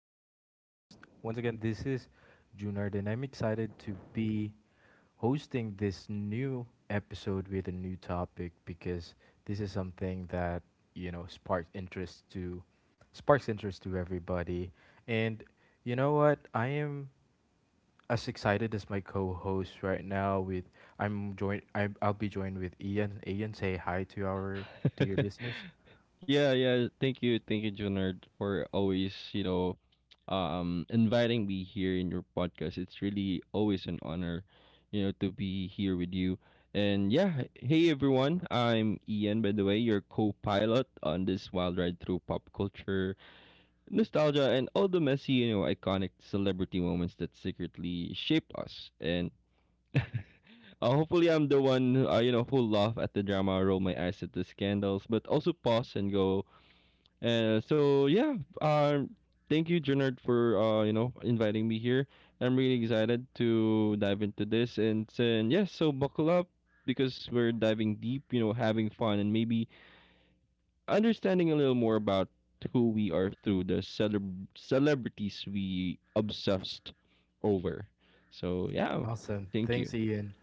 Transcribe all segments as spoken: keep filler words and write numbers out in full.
of our podcast. Once again, this is Junard, and I'm excited to be hosting this new episode with a new topic because this is something that you know sparks interest to sparks interest to everybody. And you know what? I am as excited as my co-host right now. With I'm joined. I I'll be joined with Ian. Ian, say hi to our to your listeners. Yeah, yeah. Thank you, thank you, Junard, for always, you know, um, inviting me here in your podcast. It's really always an honor, you know, to be here with you. And yeah, hey everyone, I'm Ian, by the way, your co-pilot on this wild ride through pop culture, nostalgia, and all the messy, you know, iconic celebrity moments that secretly shaped us. And Uh, hopefully, I'm the one who, uh, you know who laugh at the drama, roll my eyes at the scandals, but also pause and go. Uh, so yeah, um, thank you, Junard, for uh, you know inviting me here. I'm really excited to dive into this, and and yes, so buckle up because we're diving deep, you know, having fun and maybe understanding a little more about who we are through the celeb- celebrities we obsessed over. So yeah, Awesome. thank you. Thanks, Ian.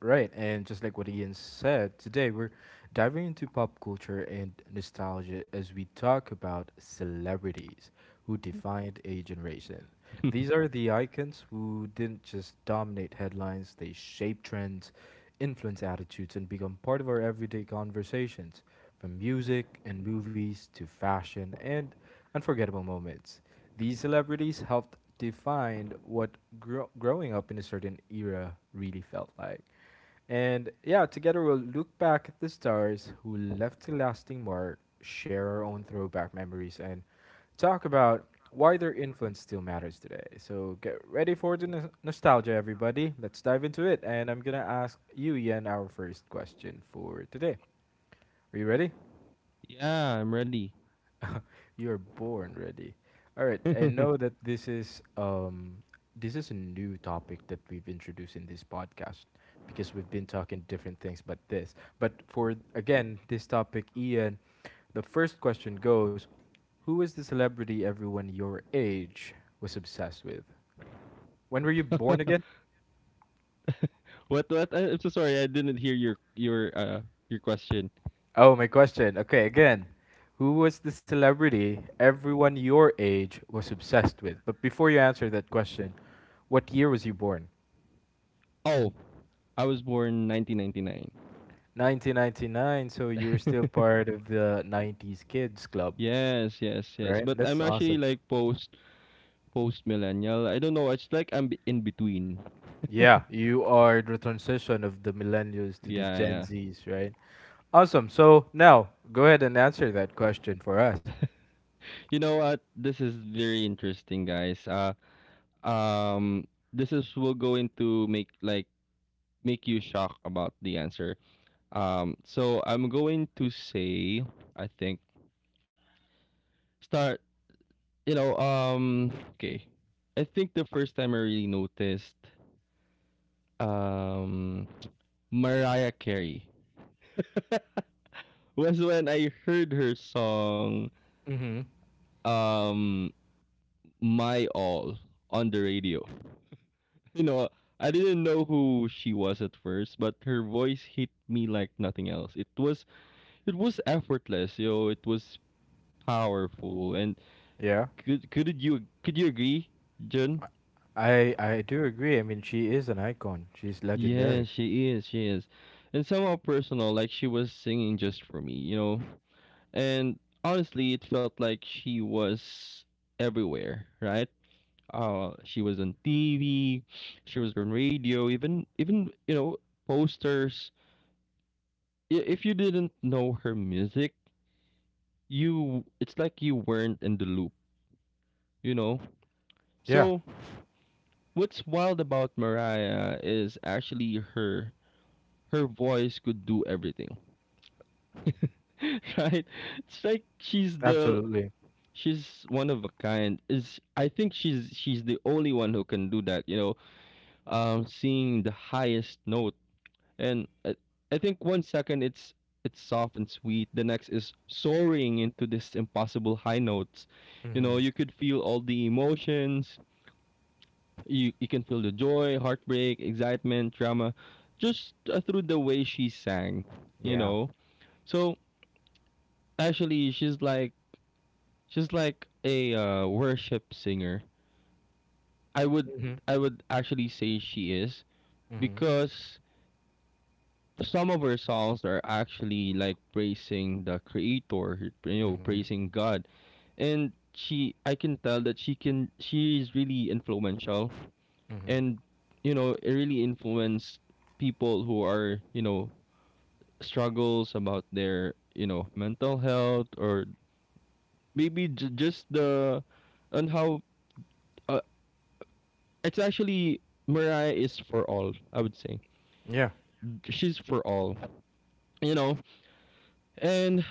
Right, and just like what Ian said, today we're diving into pop culture and nostalgia as we talk about celebrities who defined a generation. These are the icons who didn't just dominate headlines, they shaped trends, influence attitudes, and become part of our everyday conversations, from music and movies to fashion and unforgettable moments. These celebrities helped define what gro- growing up in a certain era really felt like. And yeah, together we'll look back at the stars who left a lasting mark, share our own throwback memories, and talk about why their influence still matters today. So get ready for the nos- nostalgia, everybody. Let's dive into it. And I'm going to ask you, Yen, our first question for today. Are you ready? Yeah, I'm ready. You're born ready. All right, I know that this is um this is a new topic that we've introduced in this podcast because we've been talking different things but this. But for again, this topic Ian, the first question goes, who is the celebrity everyone your age was obsessed with? When were you born again? What? What? I- I'm so sorry. I didn't hear your your uh your question. Oh, my question. Okay, again. Who was the celebrity everyone your age was obsessed with? But before you answer that question, what year was you born? Oh, I was born nineteen ninety-nine. nineteen ninety-nine, so you're still part of the nineties kids club, Yes, yes, right? yes. But That's I'm awesome. actually like post post millennial. I don't know. It's like I'm be- in between. Yeah, you are the transition of the millennials to the Yeah, Gen yeah. Zs, right? Awesome. So now, go ahead and answer that question for us. You know what? This is very interesting, guys. Uh, um, this is will go into make like make you shocked about the answer. Um, so I'm going to say I think start you know, um, okay. I think the first time I really noticed um Mariah Carey was when I heard her song Mm-hmm. um My All on the radio. You know, I didn't know who she was at first, but her voice hit me like nothing else. It was it was effortless, you know, it was powerful and Yeah. could could you could you agree, Jun? I I do agree. I mean, she is an icon. She's legendary. Yeah, she is. She is. And somehow personal, like she was singing just for me, you know? And honestly, it felt like she was everywhere, right? Uh, she was on T V, she was on radio, even, even you know, posters. I- If you didn't know her music, you, it's like you weren't in the loop, you know? Yeah, So, what's wild about Mariah is actually her her voice could do everything. right? It's like she's the absolutely. she's one of a kind. Is I think she's she's the only one who can do that. You know, um, seeing the highest note, and I, I think one second it's it's soft and sweet. The next is soaring into this impossible high notes. You Mm-hmm. know, you could feel all the emotions. You you can feel the joy, heartbreak, excitement, drama, just uh, through the way she sang. You Yeah. know, so actually she's like she's like a uh, worship singer. I would Mm-hmm. I would actually say she is Mm-hmm. because some of her songs are actually like praising the creator, you know, Mm-hmm. praising God. And she I can tell that she can she is really influential Mm-hmm. and you know, it really influenced people who are, you know, struggles about their, you know, mental health or maybe j- just the and how uh, it's actually Mariah is for all, I would say. Yeah. She's for all, you know. And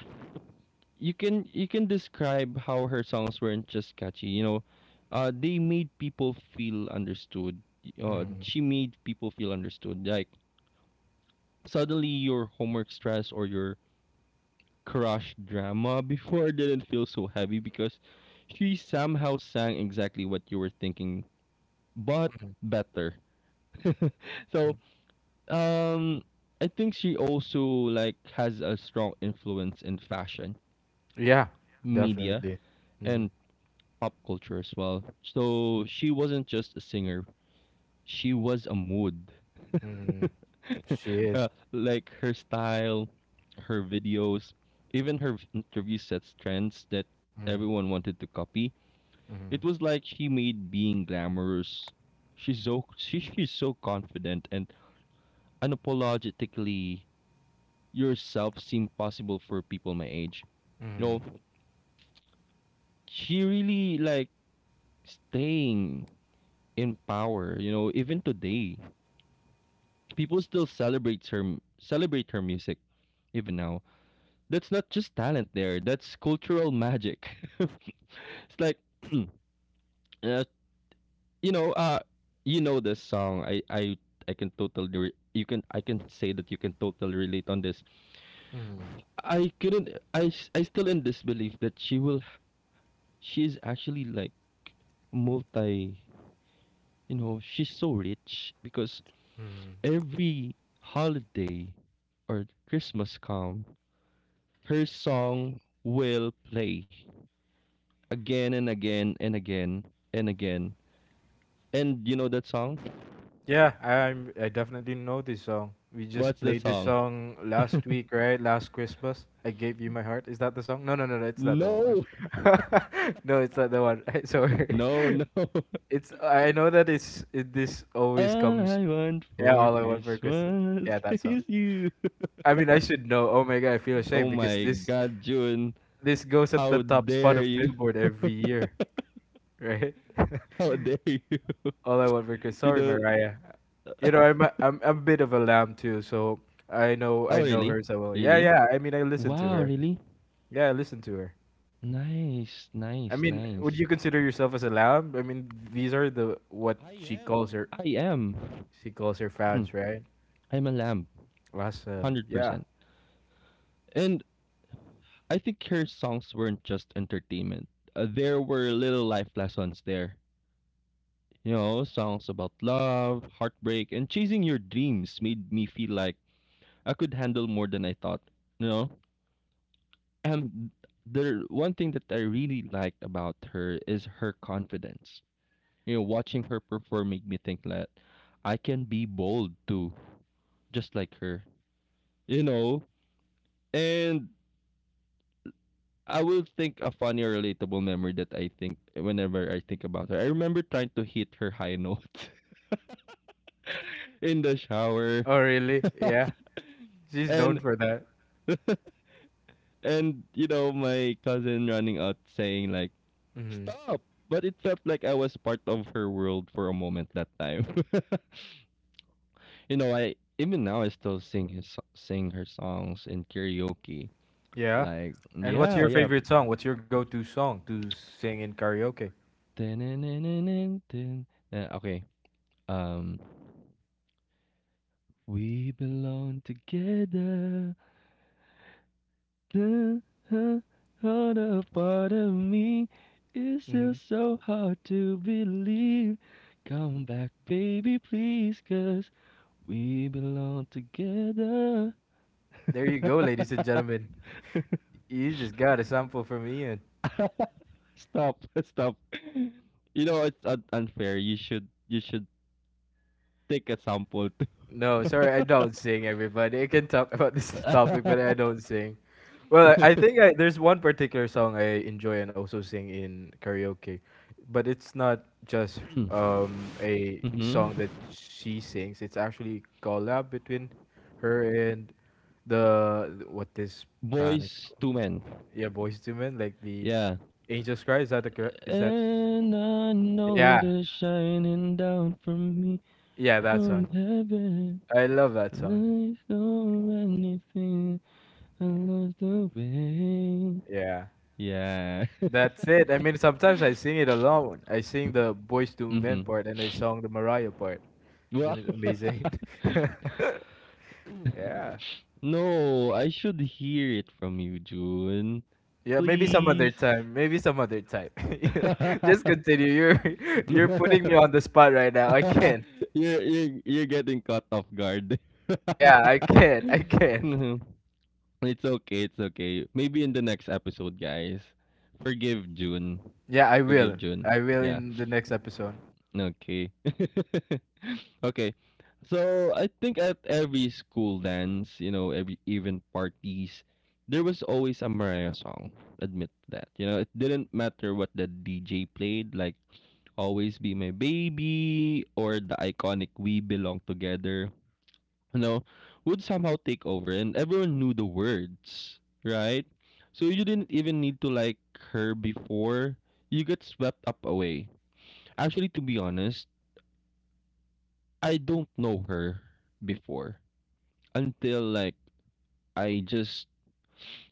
you can you can describe how her songs weren't just catchy, you know. Uh they made people feel understood. Uh, Mm-hmm. She made people feel understood. Like suddenly your homework stress or your crush drama before didn't feel so heavy because she somehow sang exactly what you were thinking but better. So Um, I think she also like has a strong influence in fashion, Yeah, media, definitely. Mm-hmm. and pop culture as well. So she wasn't just a singer; she was a mood. Mm-hmm. She uh, is. like her style, her videos, even her v- interview sets trends that Mm, everyone wanted to copy. mm, It was like she made being glamorous. She's so she, she's so confident and unapologetically yourself seem possible for people my age. You know, she really like staying in power, you know, even today. People still celebrate her m- celebrate her music even now. That's not just talent there, that's cultural magic. it's like uh, you know, uh you know this song. I I I can totally re- you can I can say that you can totally relate on this. mm, I couldn't I s- I still in disbelief that she will she's actually like multi you know she's so rich because mm. every holiday or christmas come her song will play again and again and again and again and you know that song Yeah, I'm. I definitely know this song. We just what's the played this song song last week, right? Last Christmas. I gave you my heart. Is that the song? No, no, no, no. It's not the one. no No, it's not the one. Sorry, no no it's. I know that it's. It, this always all comes. I want Yeah, for all I want for Christmas. christmas Yeah, that song. is you I mean, I should know. Oh my god, I feel ashamed oh because my this god june this goes at the how top spot dare of you Billboard every year, right? how dare you All I want for Christmas. you Sorry, know. Mariah. You know, I'm a, I'm I'm a bit of a lamb too, so I know Oh, I know really? her so well. Yeah, Really? yeah. I mean, I listen to Wow, her. really? Yeah, I listen to her. Nice, I nice, mean, would you nice. consider yourself as a lamb? I mean, these are the what I she calls am. her I am. she calls her Hmm, fans, right? I'm a lamb. Awesome. Yeah. one hundred percent. And I think her songs weren't just entertainment, uh, there were little life lessons there. You know, songs about love, heartbreak, and chasing your dreams made me feel like I could handle more than I thought. You know? And the one thing that I really liked about her is her confidence. You know, watching her perform made me think that I can be bold too, just like her. You know, and I will think a funny or relatable memory that I think whenever I think about her. I remember trying to hit her high note in the shower, Oh, really? Yeah. She's known and for that. and you know my cousin running out saying like Mm-hmm. stop. But it felt like I was part of her world for a moment that time. you know, I even now I still sing his sing her songs in karaoke. Yeah. Like, And what's yeah, your yeah. favorite song? What's your go-to song to sing in karaoke? Dun-dun-dun-dun-dun. Uh, Okay. Um, we belong together. The huh, other part of me is Mm-hmm. still so hard to believe. Come back, baby, please, cause we belong together. There you go, ladies and gentlemen. You just got a sample from Ian. Stop, stop. You know it's un- unfair. You should you should take a sample. No, sorry, I don't sing, everybody. I can talk about this topic, too. but I don't sing. Well, I I think I, there's one particular song I enjoy and also sing in karaoke, but it's not just um a Mhm. song that she sings. It's actually collab between her and the th- what this band is Boys called. to Men. Yeah, Boys to Men, like the Yeah. Angels Cry. Is that the correct? Is that? And I know Yeah, they're shining down from me yeah, that from song. heaven. I love that song. Life don't anything. I lost the way. Yeah. Yeah. That's it. I mean, sometimes I sing it alone. I sing the Boys to Men Mm-hmm. part and I sung the Mariah part. Well, Isn't it amazing? Yeah. no, I should hear it from you, June. Yeah, maybe some Please. other time. Maybe some other time. You know, just continue. You're you're you're, putting me on the spot right now. I can't. you're, you're getting caught off guard. Yeah, I can't. I can't. It's okay, it's okay. Maybe in the next episode, guys. Forgive June. Yeah, I Forgive will. June. I will Yeah. in the next episode. Okay. okay. So I think at every school dance, you know, every event parties, there was always a Mariah song. Admit that. You know, it didn't matter what the D J played, like Always Be My Baby or the iconic We Belong Together, you know, would somehow take over and everyone knew the words, right? So you didn't even need to like her before you get swept up away. Actually, to be honest, I don't know her before until like I just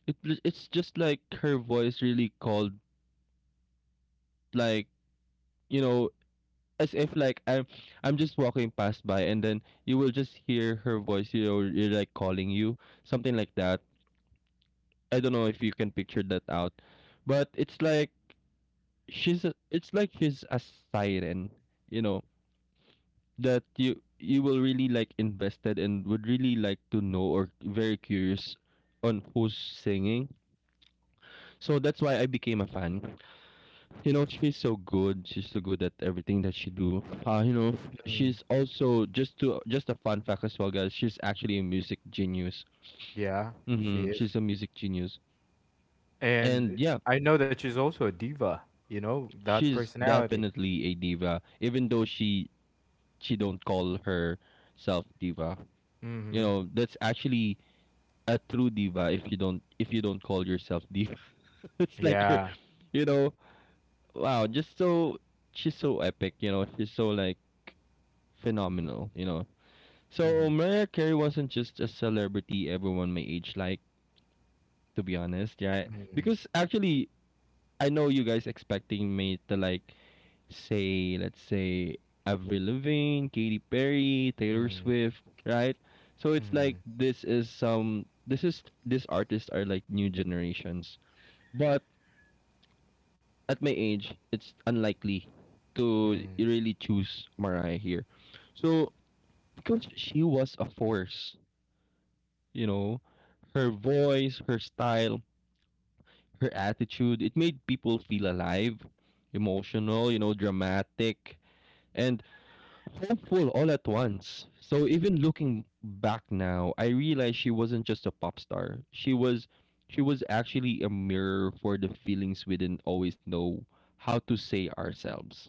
it, it's just like her voice really called like you know as if like I'm I'm just walking past by and then you will just hear her voice you know you're like calling you, something like that. I don't know if you can picture that out, but it's like she's a, it's like she's a siren, you know, that you you will really like invested and would really like to know or very curious on who's singing. So that's why I became a fan. You know, she's so good. She's so good at everything that she do. Uh, you know, Mm, she's also just to just a fun fact as well, guys. She's actually a music genius. yeah, she Mm-hmm. is. She's a music genius, and And yeah, I know that she's also a diva, you know, that she's personality. definitely a diva, even though she she don't call herself diva. You Hmm. know, that's actually a true diva if you don't if you don't call yourself diva. it's like you're Yeah. you know, wow, just so she's so epic, you know, she's so like phenomenal, you know. So Hmm. Mariah Carey wasn't just a celebrity everyone my age like, to be honest, yeah. Hmm. Because actually I know you guys expecting me to like say, let's say Avril Lavigne, Katy Perry, Taylor Mm, Swift, right? So it's mm, like this is some this is these artists are like new generations. But at my age, it's unlikely to really choose Mariah here. So because she was a force, you know, her voice, her style, her attitude, it made people feel alive, emotional, you know, dramatic, and hopeful all at once. So even looking back now, I realized she wasn't just a pop star. She was she was actually a mirror for the feelings we didn't always know how to say ourselves.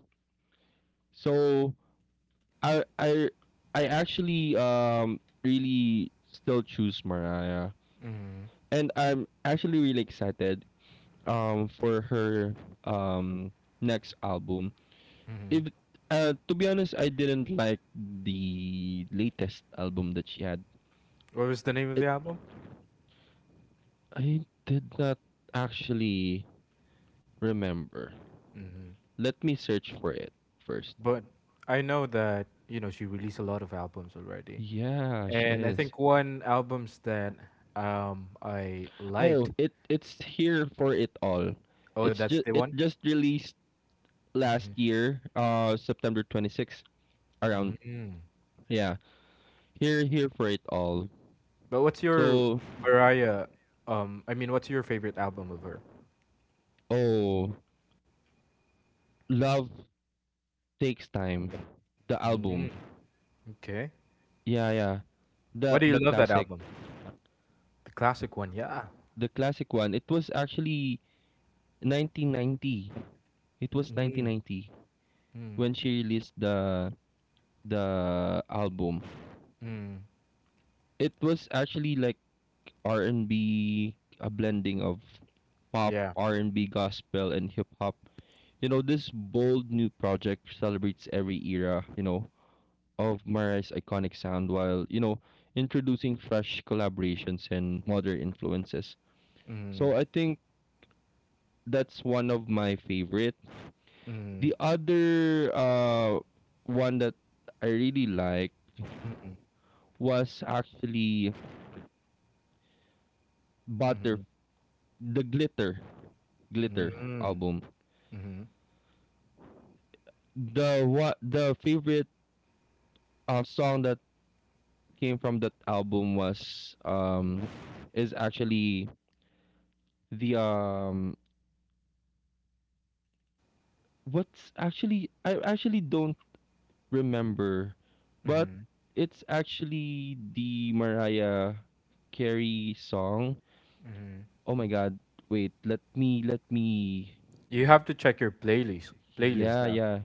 So I I I actually um really still choose Mariah and I'm actually really excited um for her um next album. mm. If uh, To be honest, I didn't like the latest album that she had. What was the name of the It album? I did not actually remember. Hmm. Let me search for it first. But I know that, you know, she released a lot of albums already. Yeah, she And I is. think one albums that um I Oh, liked. it it's here for it all. Oh, It's that's just the it one? just released Hmm. last year, uh September twenty-sixth around, yeah, here here for it all. But what's your So, Mariah um I mean, what's your favorite album of her? oh, love takes time. The Mm, album. okay. Yeah, yeah. Why do The you the love that classic. album? The classic one, yeah. The classic one. It was actually nineteen ninety. It was Mm, nineteen ninety mm, when she released the the album. mm. It was actually like r and B, a blending of pop, Yeah. R and B, gospel and hip hop. You know, this bold new project celebrates every era, you know, of Mariah's iconic sound while, you know, introducing fresh collaborations and modern influences. Mm, So I think that's one of my favorite. mm, The other uh one that I really liked mm, was actually Butter the Glitter mm, Glitter mm, album. mm, The what the favorite uh, song that came from that album was um is actually the um what's actually I actually don't remember, mm, but mm. it's actually the Mariah Carey song. Mm. Oh my god, wait, let me let me You have to check your playlist playlist yeah, now. yeah.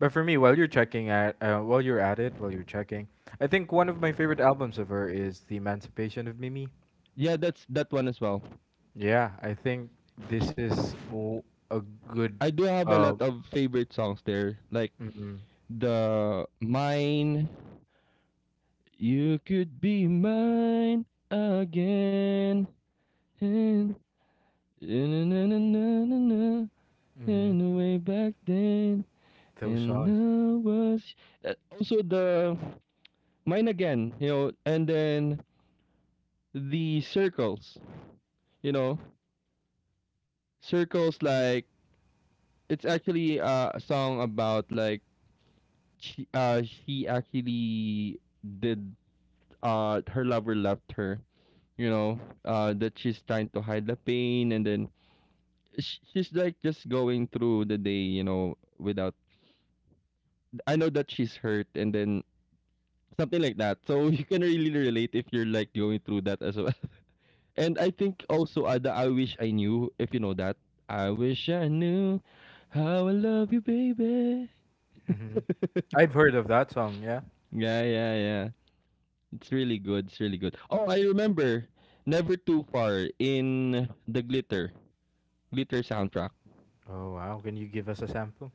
But for me, while you're checking at uh, while you're at it, while you're checking, I think one of my favorite albums of her is The Emancipation of Mimi. Yeah, that's that one as well. Yeah, I think this is w- a good. I do have a Uh, lot of favorite songs there, like mm-hmm, the mine you could be mine again and na na na na na na mm-hmm, and way back then. those And songs. I was uh, also the mine again, you know, and then the circles, you know, circles like it's actually uh, a song about like she uh she actually did uh her lover left her, you know, uh that she's trying to hide the pain and then sh- she's like just going through the day, you know, without I know that she's hurt and then something like that. So you can really relate if you're like going through that as well. And I think also uh, the I Wish I Knew, if you know that. I wish I knew how I love you, baby. Mm-hmm. I've heard of that song. Yeah. Yeah, yeah, yeah. It's really good. It's really good. Oh, I remember Never Too Far in the Glitter, Glitter soundtrack. Oh wow! Can you give us a sample?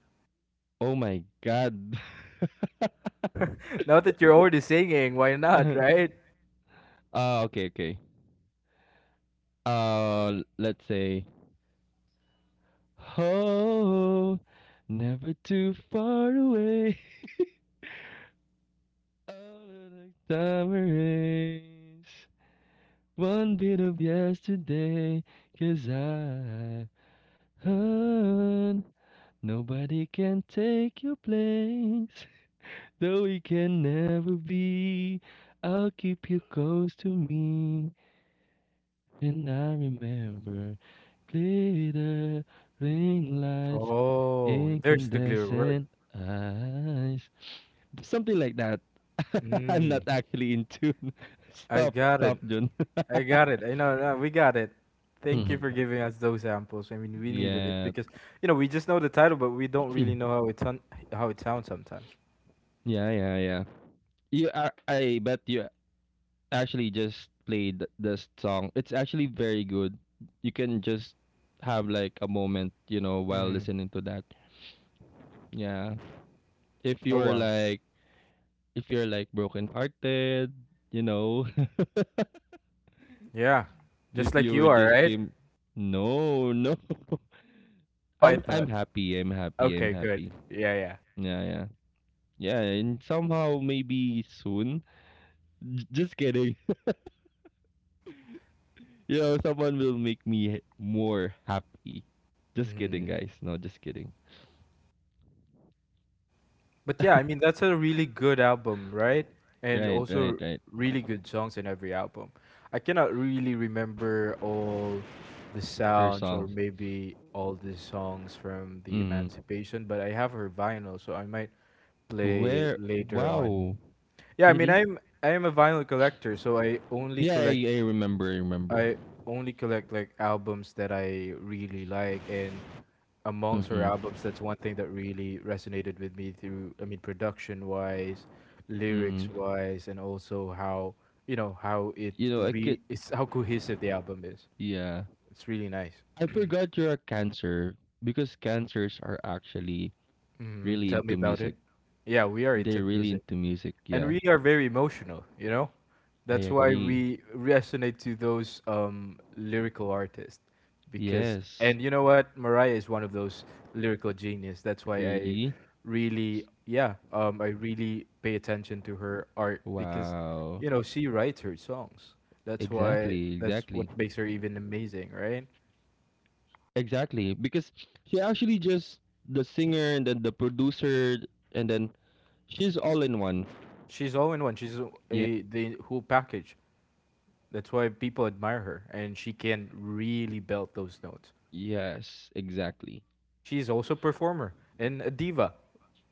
Oh my god. Now that you're already singing, why not? Right? Ah, okay, okay. Uh, let's say, oh, never too far away. All of the time erase. One bit of yesterday, 'cause I heard nobody can take your place. Though we can never be, I'll keep you close to me. And I remember glitter, ring lights, Oh, there's the clear word. incandescent eyes. Something like that. I'm not Mm, actually in tune. I Stop, got it. stop, John. I got it. I know, no, we got it. Thank you for giving us those samples. I mean, we needed it yeah. because you know we just know the title, but we don't really know how it ton- how it sounds sometimes. Yeah, yeah, yeah. You are, I bet you actually just played th- this song. It's actually very good. You can just have like a moment, you know, while Mm. listening to that. Yeah. If Oh you're wow. like if you're like broken hearted, you know, Yeah, just if like you you were are, just right? came No, no. Oh, I I'm I'm thought. happy. I'm happy. I'm Okay, good. happy. Yeah, yeah. Yeah, yeah. Yeah, and somehow maybe soon. J- Just kidding. you know, someone will make me more happy. Just kidding, Mm. guys. No, just kidding. But yeah, I mean that's a really good album, right? And Right, right, also right. really good songs in every album. I cannot really remember all the Her sounds or songs. maybe all the songs from the Mm. Emancipation, but I have her vinyl, so I might play it Where? later on. Wow. Yeah, I mean Really? I'm I am a vinyl collector, so I only Yeah, collect I, I remember. I remember. I only collect like albums that I really like and amongst her Mm-mm. albums, that's one thing that really resonated with me through, I mean, production wise, lyrics Mm-mm. wise, and also how, you know, how it You know, I could. re, it's how cohesive the album is. Yeah, It's really nice. I forgot you're a cancer because cancers are actually Hmm. really Tell me into about music. it. Yeah, we are They're into really music. into music. And Yeah, we are very emotional, you know, I that's why we agree. resonate to those um, lyrical artists because and Yes. you know what, Mariah is one of those lyrical genius, that's why i Really? really yeah um, i really pay attention to her art because Wow. you know she writes her songs, that's why Exactly. that's what Exactly. makes her even amazing, right? Exactly, because she actually just the singer and then the producer and then she's all in one. She's all in one, she's a Yeah. a- the whole package, that's why people admire her and she can really belt those notes. Yes, exactly. She's also a performer and a diva,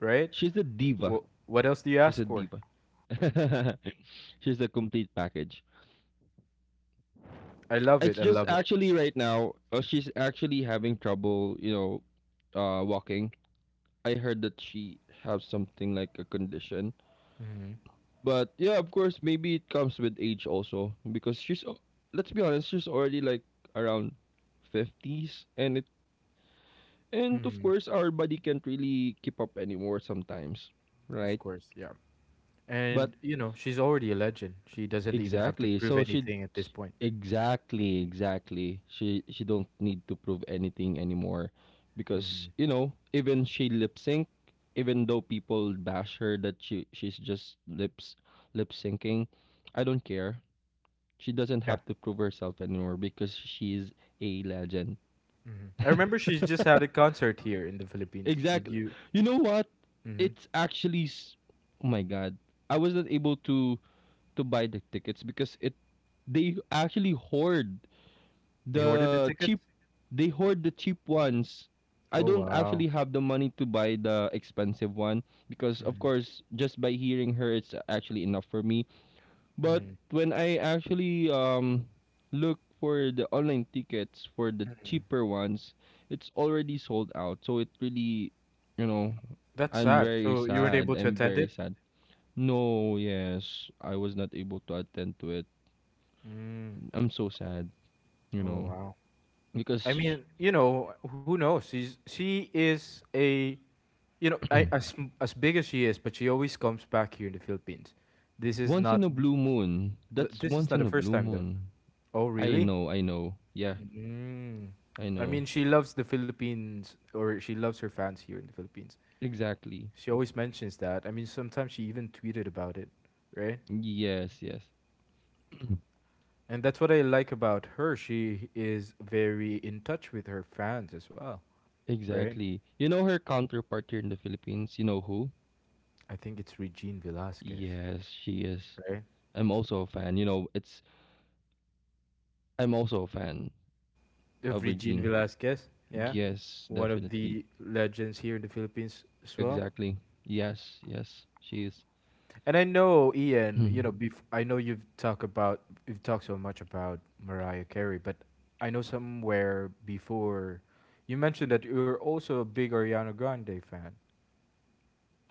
right? She's a diva. Wh- what else do you She's a ask for? diva. she's a complete package. I love It's it. I just love it. actually right now uh, she's actually having trouble, you know, uh walking. I heard that she has something like a condition. Hmm. But yeah, of course, maybe it comes with age also because she's al- let's be honest, she's already like around fifties and it and of Hmm. course our body can't really keep up anymore sometimes, Of right? course, yeah. But And you know, she's already a legend. She doesn't even have to exactly. prove So she anything at this point. exactly, exactly. She she don't need to prove anything anymore Hmm. because, you know, even she lip sync even though people bash her that she she's just lips lip syncing, I don't care. She doesn't Yeah. have to prove herself anymore because she's a legend. Hmm. I remember she just had a concert here in the Philippines. Did Exactly. you? You know what? Hmm. It's actually s- oh my god. I wasn't able to to buy the tickets because it they actually hoard They ordered the the tickets. cheap they hoard the cheap ones. I Oh don't wow. actually have the money to buy the expensive one because of Hmm. course just by hearing her it's actually enough for me. But Hmm. when I actually um look for the online tickets for the cheaper ones, it's already sold out. So it really, you know, That's I'm sad. very So you weren't able sad. to I'm attend it. very sad. No, yes, I was not able to attend to it. Mm. I'm so sad, you Oh know, wow. because I sh- mean, you know, who knows? She's she is a you know, I, as m- as big as she is, but she always comes back here in the Philippines. This is once not in a th- blue moon, th- that's this is not once the in a first blue time though. moon. Oh, I really? know, I know. Yeah, Mm. I I know. mean, she loves the Philippines, or she loves her fans here in the Philippines. Exactly. She always mentions that. I mean, sometimes she even tweeted about it, right? Yes, yes. And that's what I like about her. She is very in touch with her fans as well, right? Exactly. You know her counterpart here in the Philippines, you know who? I think it's Regine Velasquez, Yes, she is. right? I'm also a fan. You know, it's I'm also a fan Of of Regine Regine. Velasquez. Yeah, Yes, one of definitely. the legends here in the Philippines as well. Exactly. Yes, yes, she is. And I know Ian, you Hmm. know, bef- I know you've talked about you've talked so much about Mariah Carey, but I know somewhere before you mentioned that you're also a big Ariana Grande fan.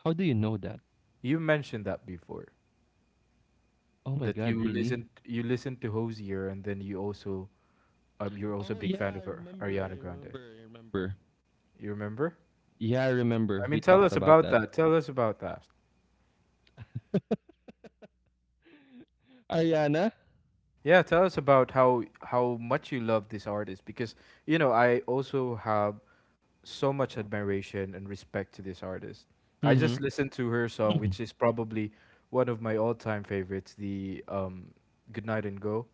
How do you know that? You mentioned that before Oh my that god, you really? listened you listened to Hosier, and then you also um you're also Oh a big fan yeah, I of Ar- remember. Ariana I Grande. remember. I remember. You remember? Yeah, I remember. I mean, We tell talked us about about that. that. Tell us about that. Ariana? Yeah, tell us about how how much you love this artist because you know I also have so much admiration and respect to this artist. I just Mm-hmm. listened to her song, which is probably one of my all-time favorites, the um, "Goodnight and Go."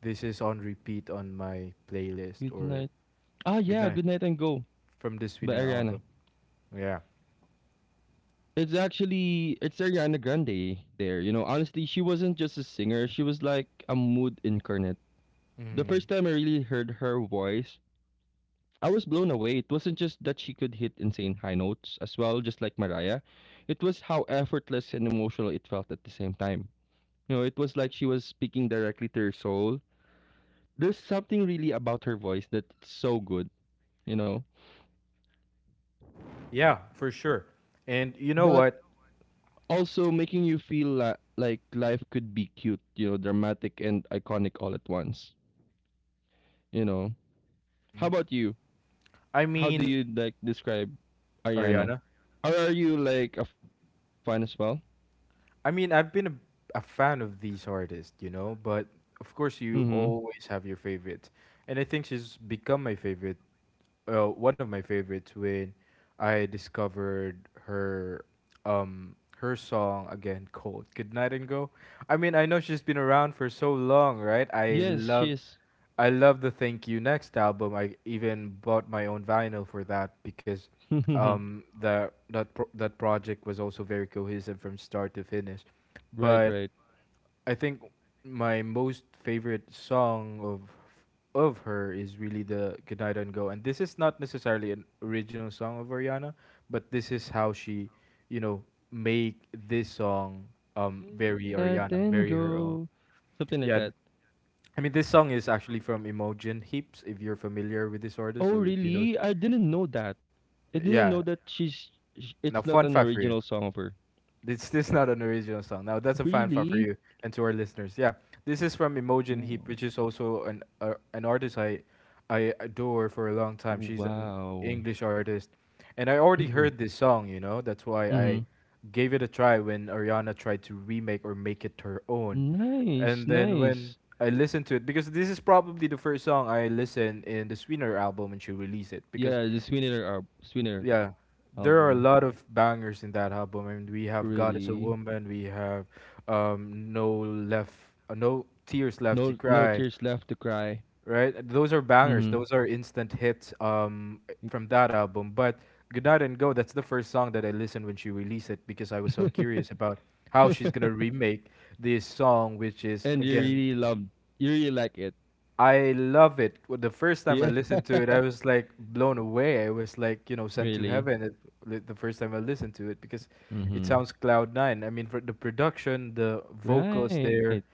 This is on repeat on my playlist Good or night. Ah yeah, "Goodnight" good night and go. from this By Wiener album. Ariana. Yeah. It's actually it's Ariana Grande there. You know, honestly, she wasn't just a singer, she was like a mood incarnate. The first Mhm. time I really heard her voice, I was blown away. It wasn't just that she could hit insane high notes as well, just like Mariah. It was how effortless and emotional it felt at the same time. You know, it was like she was speaking directly to her soul. There's something really about her voice that's so good, you know. Yeah, for sure. And you know But what? also making you feel la- like life could be cute, you know, dramatic and iconic all at once. You know. How Mhm. about you? I How do mean, you like describe Ariana? Ariana. Or are you like a fan as well? I mean, I've been a, a fan of these artists, you know, but of course Mm-hmm. you always have your favorite. And I think she's become my favorite, uh, one of my favorites when I discovered her um her song again, Cold Good Night and Go. I mean, I know she's been around for so long, right? I Yes, she love is. I love the Thank You Next album. I even bought my own vinyl for that because right, um, the that pro- that project was also very cohesive from start to finish. But right. I think my most favorite song of of her is really the Goodnight and Go. And this is not necessarily an original song of Ariana, but this is how she, you know, make this song um Say very goodnight Ariana, and very her own. go. Something like that. Yeah, I mean, this song is actually from Imogen Heaps, if you're familiar with this Oh, artist or if you know. really? I didn't know that. I didn't know Yeah. that she's. sh- Now, It's not fun an fact for you. original song of her. It's this not an original song. Now that's a fan fact for Really? you and to our listeners. Yeah, this is from Imogen Heap, W- which is also an uh, an artist I I adore for a long time. She's an Wow. English artist, and I already heard this song. You know, that's why mm-hmm. I gave it a try when Ariana tried to remake or make it her own, Nice, and then when nice. I listened to it because this is probably the first song I listened in the Sweetener album when she released it because Yeah, the Swinner, al- Swinner yeah, there are a album. lot of bangers in that album. I mean, we have God is a Really? Woman, we have um, No Left, uh, No Tears Left to No no Cry, tears left to cry. right? Those are bangers. Hmm. Those are instant hits um, from that album. But Goodnight and Go, that's the first song that I listened when she released it because I was so curious about how she's gonna remake this song, which is and you again really love you really like it. I love it. Wh- The first time I Yeah. listened to it, I was like blown away. I was like, you know, sent to Really. heaven it, li- the first time I listened to it because it Mm-hmm. sounds cloud nine. I mean, for the production, the Right. vocals there,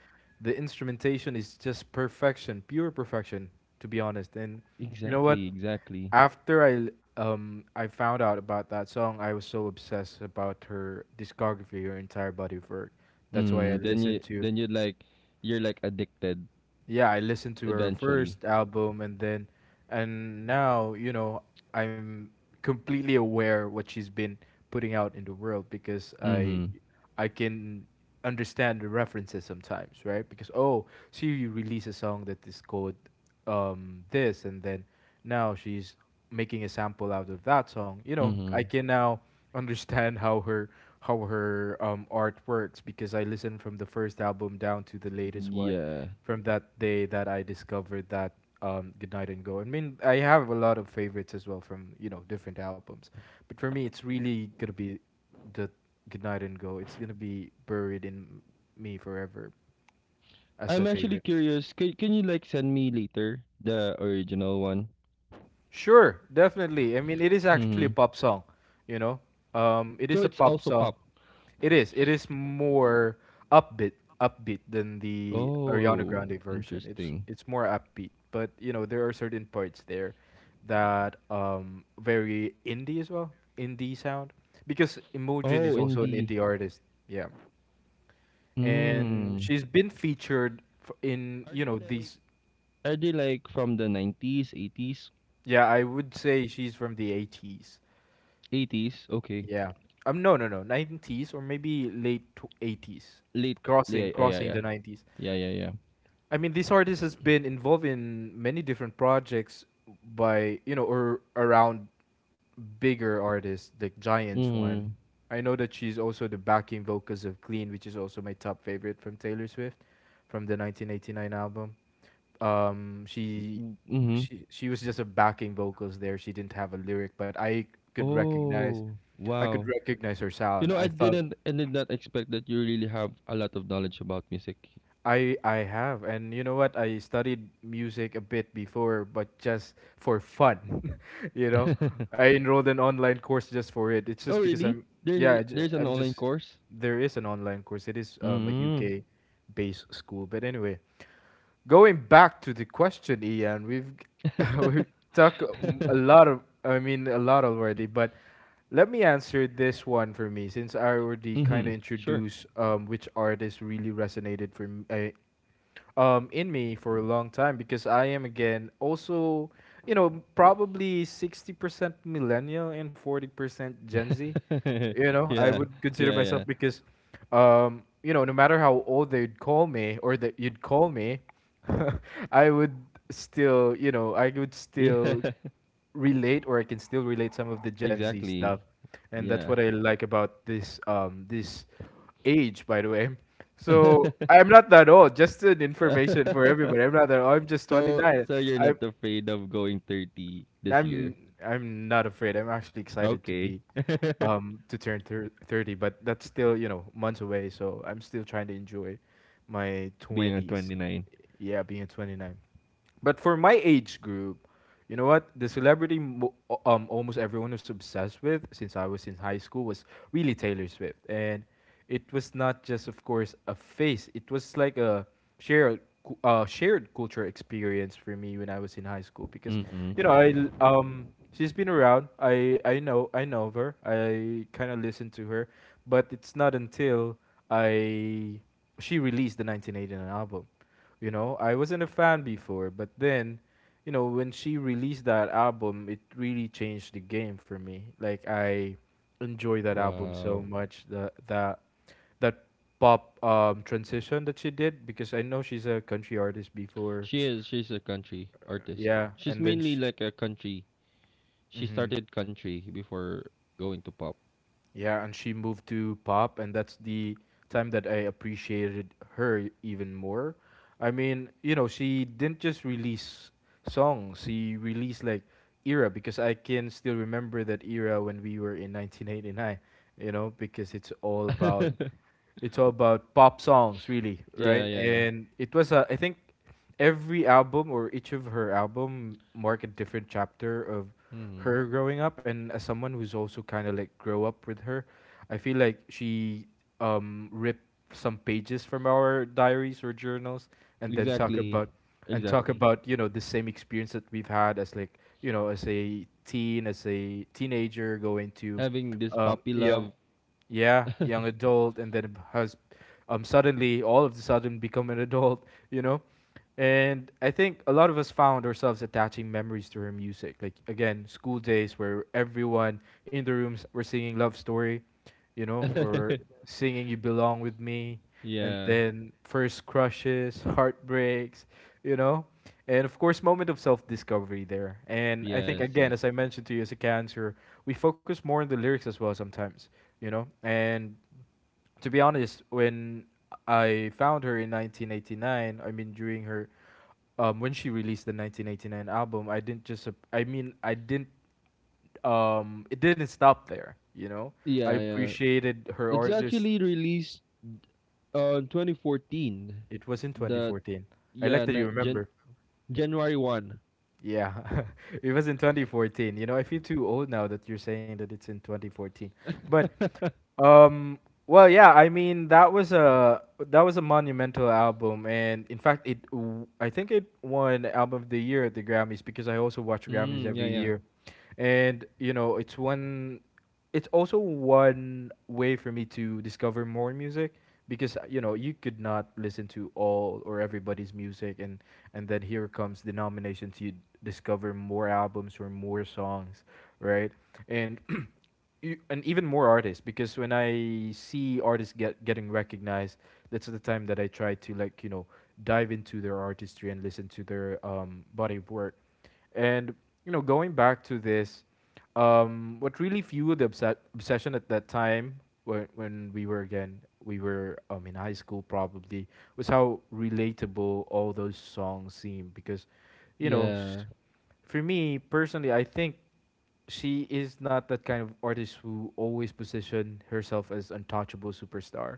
the instrumentation is just perfection, pure perfection, to be honest. And you know Exactly, what? exactly. After I l- um I found out about that song, I was so obsessed about her discography, her entire body of work. That's why I Mm, then you listened to then you like you're like addicted yeah, I listened to her eventually. first album and then and now, you know, I'm completely aware what she's been putting out in the world because I Mm-hmm. I can understand the references sometimes, right? Because oh, she released a song that is called um this and then now she's making a sample out of that song. You know, Mm-hmm. I can now understand how her how her um art works because I listened from the first album down to the latest one Yeah. from that day that I discovered that um, Goodnight and Go. I mean, I have a lot of favorites as well from you know different albums, but for me, it's really gonna be the Goodnight and Go. It's gonna be buried in me forever as a I'm actually favorite. curious. Can, can you like send me later the original one? Sure, definitely. I mean, it is actually a Mm-hmm. pop song, you know. Um, it So is a it's pop also song. pop. It is. It is more upbeat, upbeat than the Ariana Oh, Grande version. It's interesting. it's more upbeat, but you know there are certain parts there that um very indie as well, indie sound, because Oh, Imogen is also indie. an indie artist. Yeah, and Mm. she's been featured f- in Are you they know like these. are they like from the nineties, eighties? Yeah, I would say she's from the eighties. eighties, okay. Yeah. Um. No. No. No. Nineties or maybe late eighties, Late crossing yeah, yeah, crossing yeah. the nineties. Yeah, yeah, yeah. I mean, this artist has been involved in many different projects by you know or around bigger artists like Giants one. Mm. I know that she's also the backing vocals of Clean, which is also my top favorite from Taylor Swift, from the nineteen eighty-nine album. Um, she Mm-hmm. Mm-hmm. she she was just a backing vocals there. She didn't have a lyric, but I could recognize Oh, I could wow. recognize her You sound. know, I I thought didn't I did not expect that you really have a lot of knowledge about music. I I have, and you know what? I studied music a bit before, but just for fun. you know, I enrolled an online course just for it. It's oh, just because really? I'm yeah, There, I ju- there's an I'm online just course? there is an online course. It is um, a Mm. U K based school, but anyway, going back to the question, Ian, we've we've talked um, a lot of I mean a lot already, but let me answer this one for me, since I already kind mm-hmm. of Sure. introduced um, which artist really resonated for me, um, in me for a long time because I am again also you know probably sixty percent millennial and forty percent Gen Z. You know, I yeah. Yeah, would consider yeah. myself because um, you know no matter how old they'd call me or that you'd call me, I would still you know I would Yeah, still relate or I can still relate some of the Gen Z stuff. exactly. And that's Yeah. what I like about this um this age, by the way. So I'm not that old. Just an information for everybody. I'm not that old. I'm just So twenty-nine. so you're I not afraid of going thirty this I'm year? I'm not afraid. I'm actually excited to Okay. be um to turn thir- thirty, but that's still, you know, months away, so I'm still trying to enjoy my Being a twenties. twenty-nine. Yeah, being at twenty-nine. But for my age group, you know what? The celebrity mo- o- um almost everyone was obsessed with since I was in high school was really Taylor Swift. And it was not just of course a face. It was like a shared cu- uh, shared culture experience for me when I was in high school because Mhm. you know, I l- um she's been around. I I know I know of her. I kind of listened to her, but it's not until I she released the nineteen eighty-nine album. You know, I wasn't a fan before, but then, you know, when she released that album, it really changed the game for me. Like I enjoy that album so Wow. much. The that that pop um transition that she did because I know she's a country artist before. She is she's a country artist. Yeah, She's and then mainly sh- like a country. She mm-hmm. started country before going to pop. Yeah, and she moved to pop, and that's the time that I appreciated her e- even more. I mean, you know, she didn't just release songs, she released like era because I can still remember that era when we were in nineteen eighty-nine, you know, because it's all about it's all about pop songs really yeah, right yeah, yeah. and it was uh, I think every album or each of her album mark a different chapter of Mhm. her growing up, and as someone who's also kind of like grow up with her, I feel like she um ripped some pages from our diaries or journals and then talk about Exactly. and talk Exactly. about you know the same experience that we've had as like you know as a teen as a teenager going to Having this um puppy young love. yeah, young adult, and then has um, suddenly, all of a sudden, become an adult, you know? And I think a lot of us found ourselves attaching memories to her music. Like, again, school days where everyone in the rooms were singing Love Story, you know, or singing You Belong With Me, and yeah. then first crushes, heartbreaks, you know, and of course, moment of self discovery there. And I think, Yes, again, yes. as I mentioned to you as a cancer, we focus more on the lyrics as well sometimes, you know, and to be honest, when I found her in nineteen eighty-nine, I mean, during her. Um, when she released the nineteen eighty-nine album, I didn't just, ap- I mean, I didn't, um, it didn't stop there, you know? I Yeah, yeah. appreciated her It's artist actually released on twenty fourteen. It was in The twenty fourteen. I Yeah, like that na you Jan remember. January first. Yeah, it was in twenty fourteen. You know, I feel too old now that you're saying that it's in twenty fourteen. But um, well, yeah, I mean that was a that was a monumental album, and in fact, it w- I think it won album of the year at the Grammys because I also watch Grammys Mm, yeah, every yeah. year, and you know, it's one it's also one way for me to discover more music because uh, you know you could not listen to all or everybody's music and and then here comes the nominations you discover more albums or more songs right and you, and even more artists because when I see artists get getting recognized that's the time that I try to like you know dive into their artistry and listen to their um, body of work and you know, going back to this, um, what really fueled the obse- obsession at that time, when when we were again, we were um, in high school probably, was how relatable all those songs seem. Because, you know, Yeah. s- for me personally, I think she is not that kind of artist who always position herself as untouchable superstar.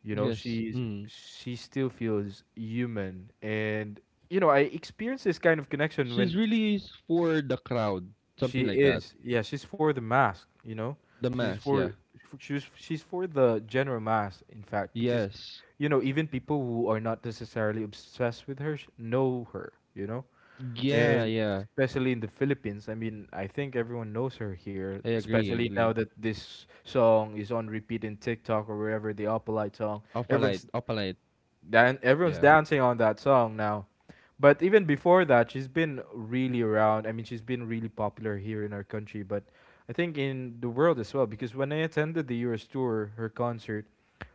You know, Yes. she's Mm. she still feels human, and you know, I experienced this kind of connection when She's really is for the crowd, she something like that. is. Yeah, she's for the mask, you know? The She's mass, for yeah. for- she's she's for the general mass, in fact, because Yes. you know, even people who are not necessarily obsessed with her sh- know her, you know? Yeah, And yeah. especially in the Philippines, I mean, I think everyone knows her here, I agree, I especially now agree. that this song is on repeat in TikTok or wherever the Opalite song. Everyone's Opalite, Opalite, then everyone's yeah. dancing on that song now. But even before that, she's been really around. I mean, she's been really popular here in our country, but I think in the world as well. Because when I attended the Eras tour, her concert,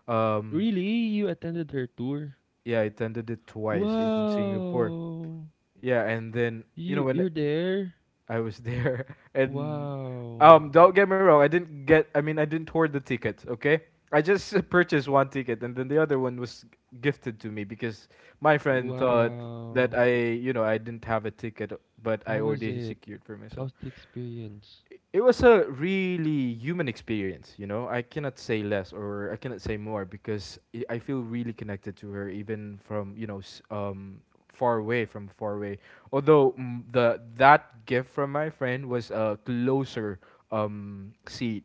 um, Really? You attended her tour? yeah, I attended it twice in Singapore. Wow. Yeah, and then you know You when you're there? I was there, and Wow. um, don't get me wrong. I didn't get. I mean, I didn't hoard the tickets. Okay, I just purchased one ticket, and then the other one was gifted to me because my friend thought that Wow. I, you know, I didn't have a ticket, but I How was already it? secured for myself. How's the experience? It was a really human experience, you know. I cannot say less or I cannot say more because I I feel really connected to her, even from you know s- um, far away. from far away. Although mm, the that gift from my friend was a closer um, seat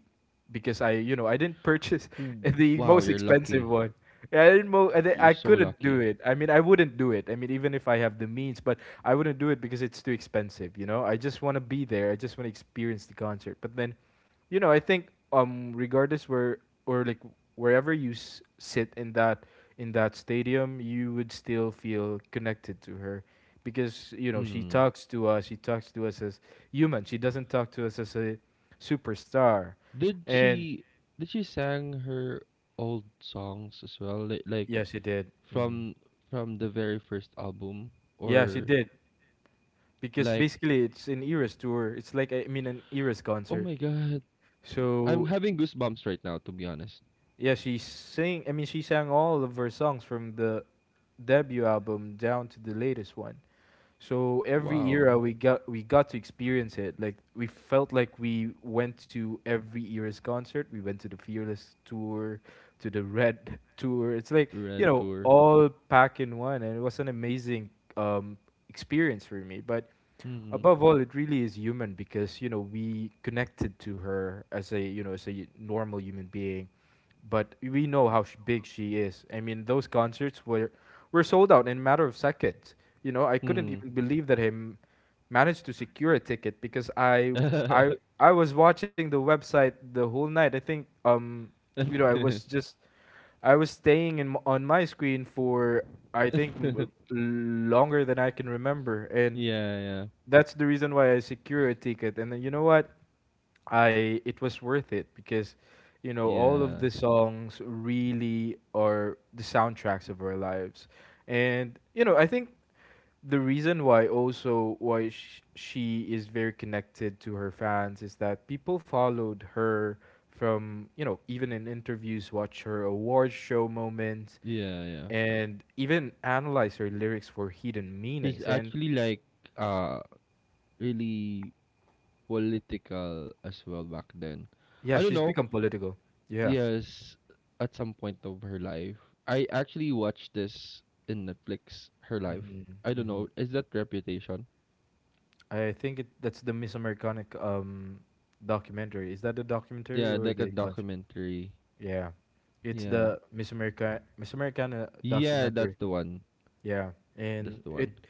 because I you know I didn't purchase Ooh, the wow, most you're expensive lucky. one. Yeah, I didn't. Mo- I, di- You're I so couldn't do lucky. it. I mean, I wouldn't do it. I mean, even if I have the means, but I wouldn't do it because it's too expensive, you know? I just want to be there. I just want to experience the concert. But then, you know, I think um regardless where or like wherever you s- sit in that in that stadium, you would still feel connected to her because, you know, she Mm. talks to us. She talks to us as human. She doesn't talk to us as a superstar. Did And she did she sang her old songs as well? Like like yeah, she did. Mm. from from the very first album Yeah, she or did. Because like basically it's an Eras tour. It's like, I mean, an Eras oh my concert. god. I'm So having goosebumps right now to be honest. yeah, she sing. I mean, she sang all of her songs from the debut album down to the latest one. So every Wow. era we got we got to experience it. Like we felt like we went to every era's concert. We went to the Fearless tour, to the Red tour. It's like you Red know Tour. all packed in one, and it was an amazing um, experience for me. But Mm-hmm. above all, it really is human because you know we connected to her as a you know as a normal human being, but we know how sh- big she is. I mean, those concerts were were sold out in a matter of seconds. You know, I couldn't Mm. even believe that him managed to secure a ticket because I I I was watching the website the whole night. I think um you know I was just I was staying in m- on my screen for I think m- longer than I can remember, and yeah, yeah. that's the reason why I secure a ticket. And then you know what? I, it was worth it because you know all of Yeah. the songs really are the soundtracks of our lives, and you know I think the reason why also why sh- she is very connected to her fans is that people followed her from, you know, even in interviews, watch her award show moments Yeah, yeah. and even analyze her lyrics for hidden She's meanings. And actually like uh really political as well back then. I yeah, don't she's know. become political. Yeah. Yes, at some point of her life. I actually watched this in Netflix, her life. Hmm. I don't know, Hmm. is that Reputation? I think it, that's the Miss Americanic um documentary. Is that the documentary Yeah, or like a the concert? documentary. Yeah, it's Yeah. the Miss America Miss Americana Yeah, that's documentary. the one. Yeah, That's and the one. it,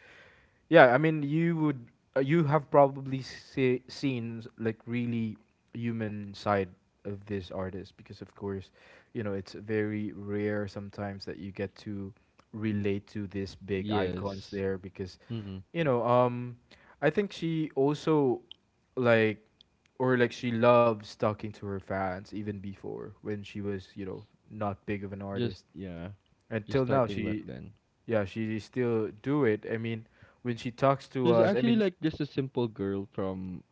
yeah. I mean, you would uh, you have probably see, seen s- like really human side of this artist because, of course, you know, it's very rare sometimes that you get to relate to these big icons Yes. there because Mm-hmm. you know, um, I think she also like or like she loves talking to her fans even before when she was, you know, not big of an Just artist. yeah. Just Until now starting back she, then. yeah, she still do it. I mean, when she talks to She's us, I actually mean, like just a simple girl from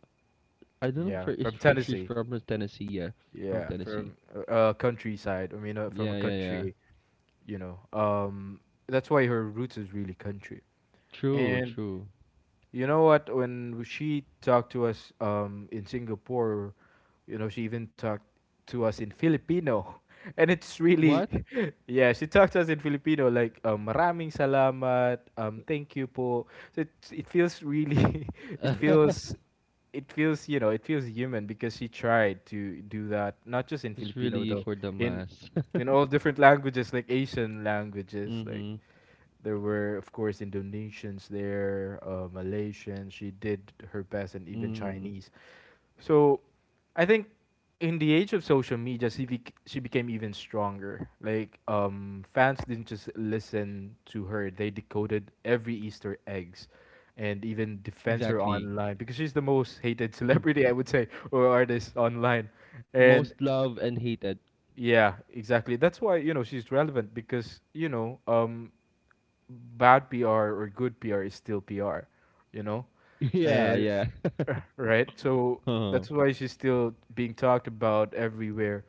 I don't know if yeah, her- if from she- she's Tennessee. from Tennessee, yeah. From Yeah, Tennessee. from a a countryside. I mean, uh, from a Yeah, yeah, yeah. country, you know. Um that's why her roots is really country. True, And true. you know what? When she talked to us um, in Singapore, you know, she even talked to us in Filipino. And it's really, What? yeah, she talked to us in Filipino like, um, maraming salamat, um, thank you po. So it, it feels really, it feels, it feels, you know, it feels human because she tried to do that, not just in It's Filipino really though, for the in mass. in all different languages like Asian languages, like Mhm, there were, of course, Indonesians there, uh, Malaysians. She did her best, and even mhm. Chinese. So, I think in the age of social media, she bec- she became even stronger. Like, um, fans didn't just listen to her; they decoded every Easter eggs, and even defends her Exactly. online because she's the most hated Mm. celebrity, I would say, or artist online. And Most loved and hated. yeah, exactly. That's why you know she's relevant because you know um bad P R or good P R is still P R, you know? Yeah, And yeah. right? So Uh-huh. that's why she's still being talked about everywhere.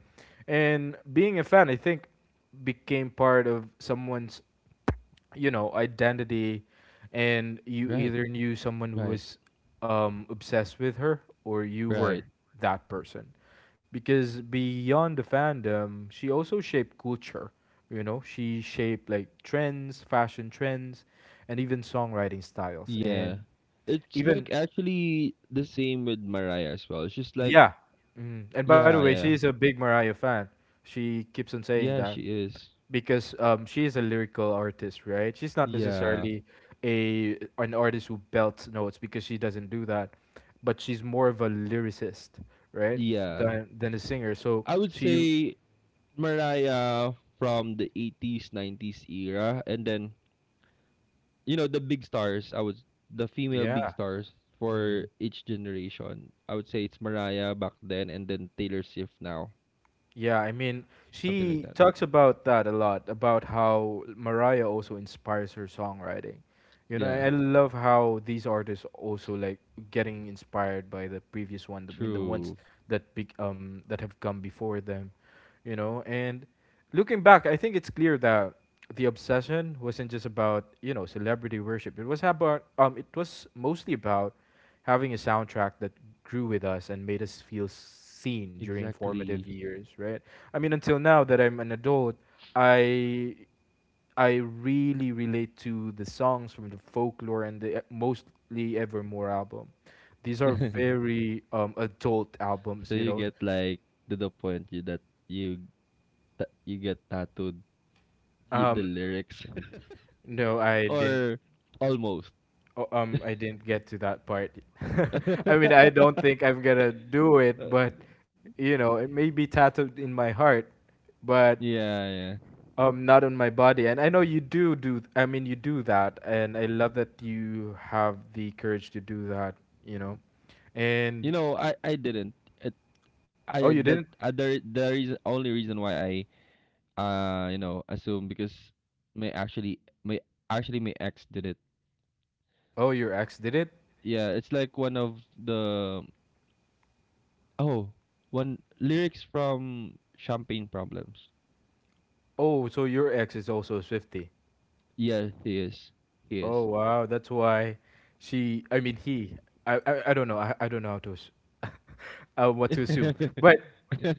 And being a fan, I think, became part of someone's, you know, identity. And you Right, either knew someone who right, was um, obsessed with her or you were right. that person because beyond the fandom, she also shaped culture. You know, she shaped like trends, fashion trends, and even songwriting styles. Yeah. And It's even like actually the same with Mariah as well. She's like, yeah. Mm. And by the yeah, way, she yeah. is a big Mariah fan. She keeps on saying Yeah, that she is. because um, she is a lyrical artist, right? She's not Yeah. necessarily a an artist who belts notes because she doesn't do that, but she's more of a lyricist, right? Yeah. Than than a singer. So I would she, say Mariah from the eighties, nineties era and then you know the big stars i would the female big yeah. stars Mm-hmm. for each generation I would say it's Mariah back then and then Taylor Swift now, Yeah, I mean, something like she that. talks about that a lot, about how Mariah also inspires her songwriting. You know, Yeah. I I love how these artists also like getting inspired by the previous one. I mean, the ones True. that be, um that have come before them, you know. And looking back, I think it's clear that the obsession wasn't just about you know celebrity worship. It was about um it was mostly about having a soundtrack that grew with us and made us feel seen during Exactly. formative years, right? I mean, until now that I'm an adult, I I really relate to the songs from the folklore and the e- mostly Evermore album. These so are very um, adult albums, you you know. get like to the point you, that you ta- you get tattooed y- the Um, lyrics no, I didn't. or almost. Oh, Um, I didn't get to that part. I mean, I don't think I'm gonna do it, but you know, it may be tattooed in my heart, but yeah yeah Um, not on my body. And I know you do do, th- I mean, you do that. And I love that you have the courage to do that, you know. you And, know I I didn't it, oh, I you didn't? that uh, the other the reason only reason why I uh, you know, assume because may actually may actually my ex did it. Oh, your ex did it? Yeah, it's like one of the oh one lyrics from Champagne Problems. Oh, so your ex is also a Swifty. Yeah, he is. He Oh, is. wow. That's why she, I mean, he, I, I, I don't know. I, I don't know how to, ass- uh, what to assume. But, yeah,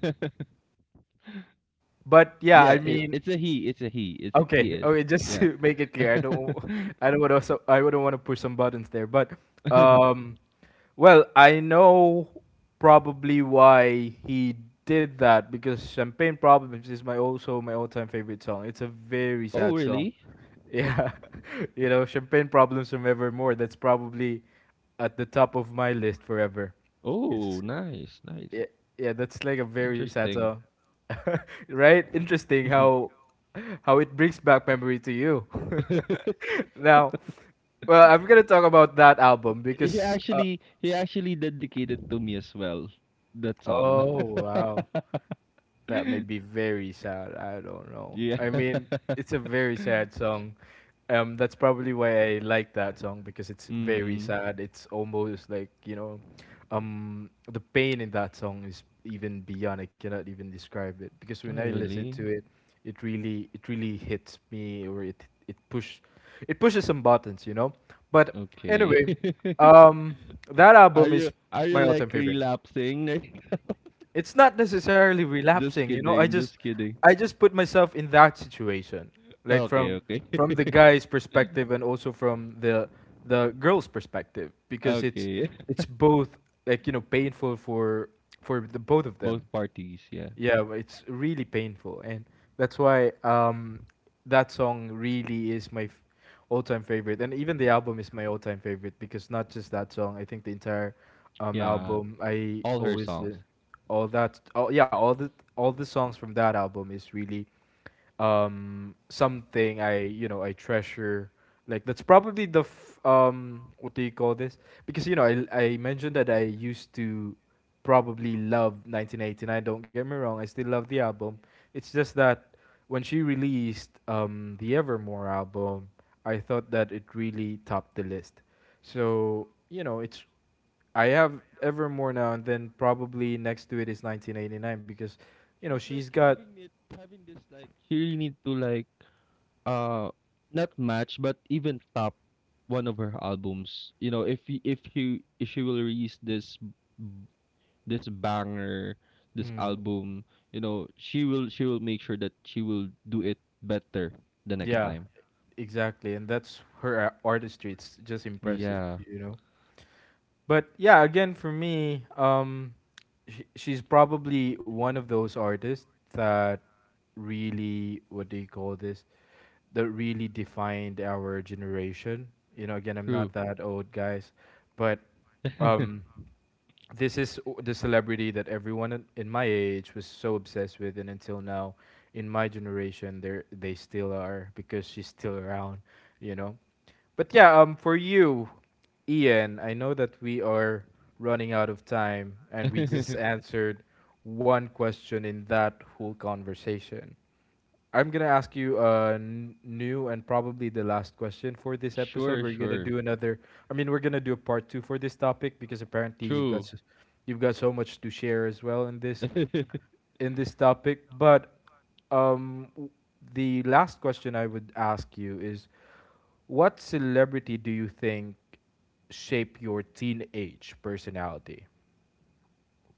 but yeah, I it, mean, it's a he. It's a he. It's he okay, is. okay, just Yeah. to make it clear, I don't, I I don't want to, so I wouldn't want to push some buttons there, but, um, well, I know probably why he did that because Champagne Problems is my also my all-time favorite song. It's a very oh sad song. really? Yeah, you know, Champagne Problems from Evermore. That's probably at the top of my list forever. Oh, It's, nice, nice. yeah, yeah, that's like a very sad Interesting. song. Right? Interesting how how it brings back memory to you. Now, well, I'm gonna talk about that album he because uh, actually he actually dedicated to me as well that song. oh wow, that may be very sad. I don't know. Yeah. I mean, it's a very sad song. Um, that's probably why I like that song because it's very Mm. sad. It's almost like you know, um, the pain in that song is even beyond. I cannot even describe it because when Oh, I listen really? to it, it really, it really hits me or it, it push, it pushes some buttons, you know. But anyway, Okay. um, that Are album is you are you my all-time like favorite. relapsing? It's not necessarily relapsing, Just you know, i kidding, just just kidding. i just put myself in that situation, like Okay, from okay. from the guy's perspective and also from the the girl's perspective because it's Okay. it's both, like, you know, painful for for the both of them. Both parties, yeah. Yeah, but it's really painful, and that's why um, that song really is my f- all-time favorite, and even the album is my all-time favorite because not just that song. I think the entire um, Yeah. album. I All her always uh, songs. all that. Oh yeah, all the all the songs from that album is really um something I you know I treasure. Like that's probably the f- um what do you call this? Because you know I I mentioned that I used to probably love nineteen eighty-nine. Don't get me wrong, I still love the album. It's just that when she released um the Evermore album, I thought that it really topped the list. So you know it's I have Evermore now, and then probably next to it is nineteen eighty-nine because you know She's she's like got having it having this like she really need to like uh not match but even top one of her albums. You know, if he, if he if she will release this this banger, this mm, album, you know, she will she will make sure that she will do it better the next yeah. time. Exactly, and that's her ar- artistry. It's just impressive, Yeah, you know. But yeah, again for me, um, sh- she's probably one of those artists that really what do you call this? That really defined our generation. You know, again, I'm true. not that old, guys, but um, this is o- the celebrity that everyone in in my age was so obsessed with, and until now, in my generation, they they still are because she's still around. You know, but yeah, um, for you, Ian, I know that we are running out of time, and we just answered one question in that whole conversation. I'm gonna ask you a n- new and probably the last question for this episode. sure, We're gonna sure. do another. I mean, we're gonna do a part two for this topic because apparently you've got True. s you've got so much to share as well in this in this topic. But um, w- the last question I would ask you is what celebrity do you think shape your teenage personality,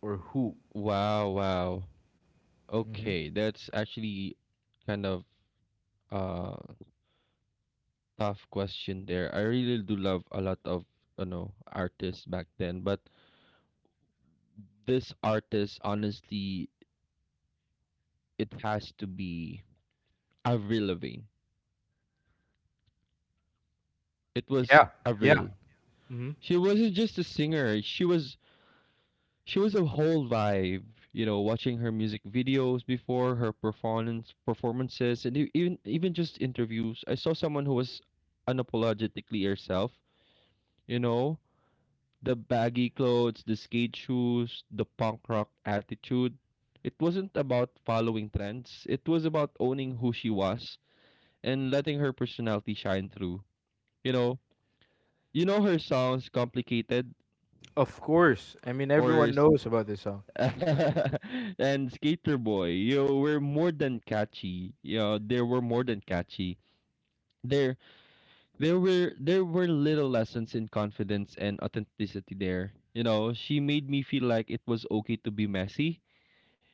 or who? Wow, wow. Hmm. Okay, that's actually kind of uh tough question there. I really do love a lot of you know artists back then, but this artist honestly it has to be Avril Lavigne. It was Yeah, yeah. Avril. Hmm. She wasn't just a singer. She was she was a whole vibe. You know, watching her music videos before her performance performances and e- even even just interviews. I saw someone who was unapologetically herself. You know, the baggy clothes, the skate shoes, the punk rock attitude. It wasn't about following trends. It was about owning who she was and letting her personality shine through. You know, you know her songs complicated Of course. I mean, or everyone knows about this song. and Skater Boy, you were more than catchy. You know, they were more than catchy. There, there were there were little lessons in confidence and authenticity there. You know, she made me feel like it was okay to be messy.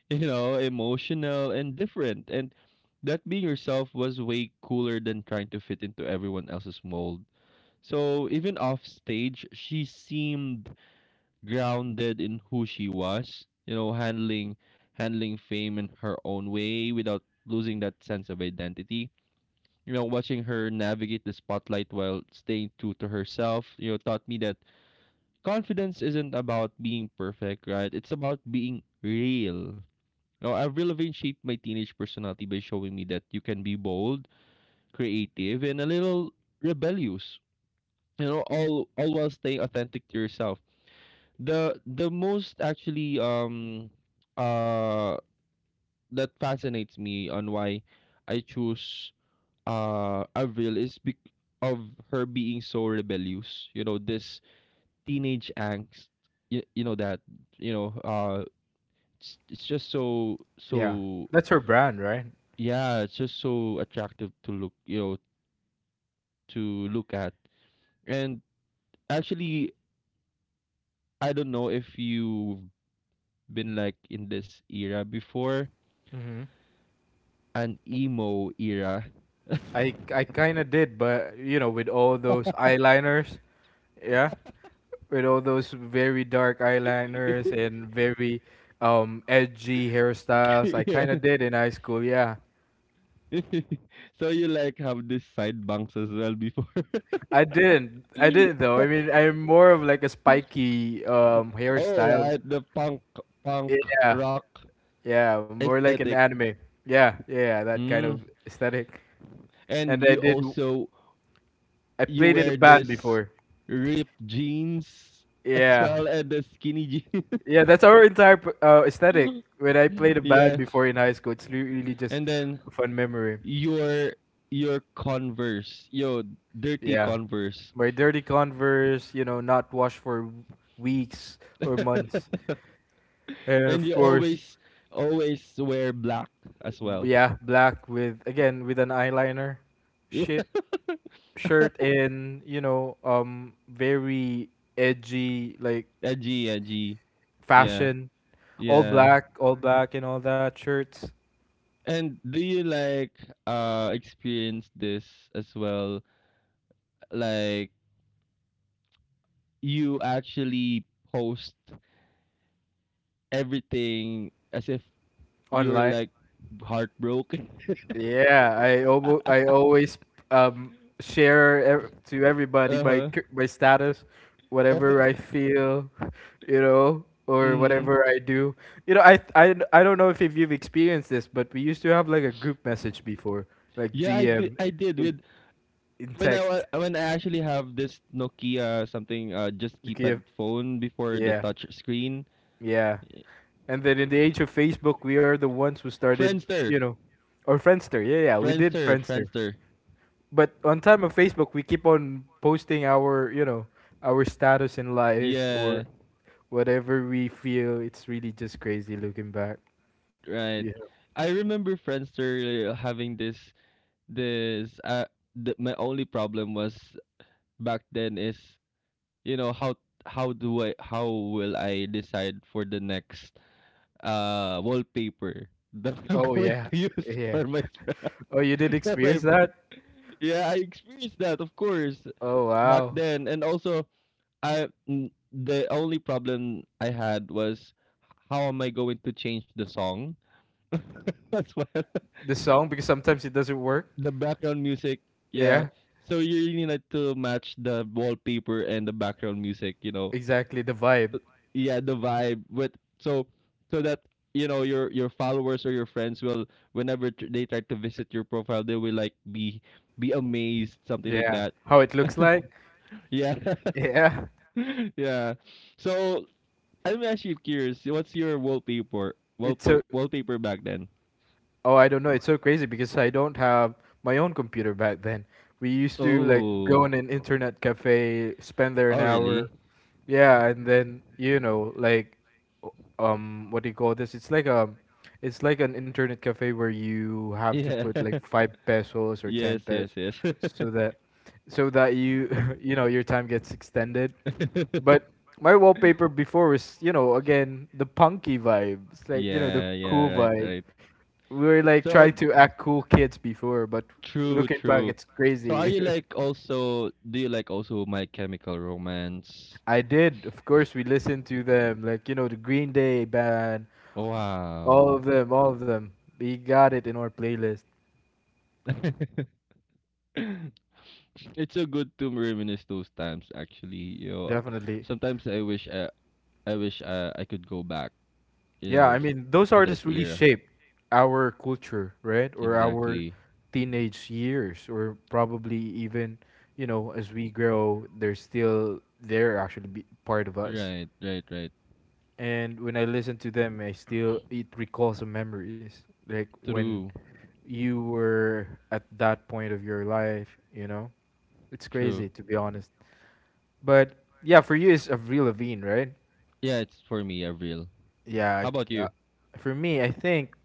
You know, emotional and different, and that being yourself was way cooler than trying to fit into everyone else's mold. So even off stage, she seemed grounded in who she was, you know, handling handling fame in her own way without losing that sense of identity. You know, watching her navigate the spotlight while staying true to herself, you know, taught me that confidence isn't about being perfect, right? It's about being real. Now, Avril Lavigne shaped my teenage personality by showing me that you can be bold, creative, and a little rebellious. You know, all all while staying authentic to yourself the the most actually um uh that fascinates me on why I choose uh Avril is bec- of her being so rebellious. You know, this teenage angst. You, you know that, you know, uh it's, it's just so Yeah, so that's her brand, right? yeah, it's just so attractive to look, you know, to look at. And actually I don't know if you've been like in this era before Hmm. an emo era. I I kind of did, but you know, with all those eyeliners, yeah, with all those very dark eyeliners and very um edgy hairstyles, I kind of yeah. did in high school. Yeah, so you like have these side bangs as well before. I didn't. I didn't though. I mean, I'm more of like a spiky um hairstyle. Alright, the punk punk Yeah, rock yeah, more like an aesthetic. anime. Yeah, yeah, yeah, that kind Mm. of aesthetic. And And I you did. also I you played in a wear band this before. ripped jeans as Yeah, well and the skinny jeans. yeah, that's our entire p- uh, aesthetic. When I played a band yes. before in high school, it's re- really just And then a fun memory. your your converse, yo dirty Yeah, converse. my dirty Converse, you know, not washed for weeks or months, and And of you course. always always wear black as well. Yeah, black with again with an eyeliner, Yeah. shit shirt, and you know um very edgy like edgy, edgy. Yeah. fashion, all Yeah. black, all black, and all that shirts And do you like uh experience this as well? Like you actually post everything as if you're online. like heartbroken. Yeah, I almo I always um share ev- to everybody my cur- my status, Uh, whatever I feel, you know, or mm. whatever I do. You know, I I I don't know if if you've experienced this, but we used to have like a group message before, like Yeah, I did. G M I did in with in when I text. wa- when I actually have this Nokia something uh just Okay. keypad phone before the Yeah, touch screen. yeah. And then in the age of Facebook, we are the ones who started, Friendster. you know, or Friendster. Yeah, yeah, we did Friendster, Friendster. Friendster. But on time of Facebook, we keep on posting our, you know, our status in life Yeah, or whatever we feel. It's really just crazy looking back. Yeah. right. I remember Friendster uh, having this this uh the, my only problem was back then is you know how how do I how will I decide for the next uh wallpaper that I'm Oh going yeah. to use Yeah. for my, Oh, you did for my experience that? yeah I experienced that of course Oh back wow. then and also I mm, the only problem I had was how am I going to change the song as Yeah. well The song because sometimes it doesn't work. The background music, yeah. Yeah. So you really need to match the wallpaper and the background music, you know. Exactly the vibe. Yeah, the vibe with so so that you know your your followers or your friends will whenever tr- they try to visit your profile, they will like be be amazed, something like Yeah. that. How it looks like. Yeah, Yeah. yeah. So I'm actually curious. What's your wallpaper It's so wallpaper wallpaper back then? oh I don't know. It's so crazy because I don't have my own computer back then. We used to like go Oh, in an internet cafe, spend there an oh really? hour, yeah, and then you know, like, o- um, what do you call this? It's like a, it's like an internet cafe where you have to Yeah. put like five pesos or ten Yes, pesos, yes, yes. so that, so that you, you know, your time gets extended. But my wallpaper before was, you know, again the punky vibe. It's like you know the Yeah, yeah, cool right, vibe. right. We were like So trying to act cool kids before, but true, looking back, true. it's So are crazy. you like also do you like also My Chemical Romance? I did. Of course, we listened to them, like you know, the Green Day band, all Wow. of them, all of them. We got it in our playlist. It's so good to reminisce those times actually. You know, Definitely. sometimes I wish I, I wish uh, I could go back, you Yeah, know, I f- mean, those to that artists really era. shaped our culture, right? Or our Exactly. teenage years, or probably even, you know, as we grow, they're still there, actually be part of us. Right, right, right. And when I listen to them, I still, it recalls some memories. Like when True. you were at that point of your life, you know? It's True. crazy, to be honest. But yeah, for you, it's Avril Lavigne, right? Yeah, it's for me, Avril. Yeah, How about c- uh, you? for me, I think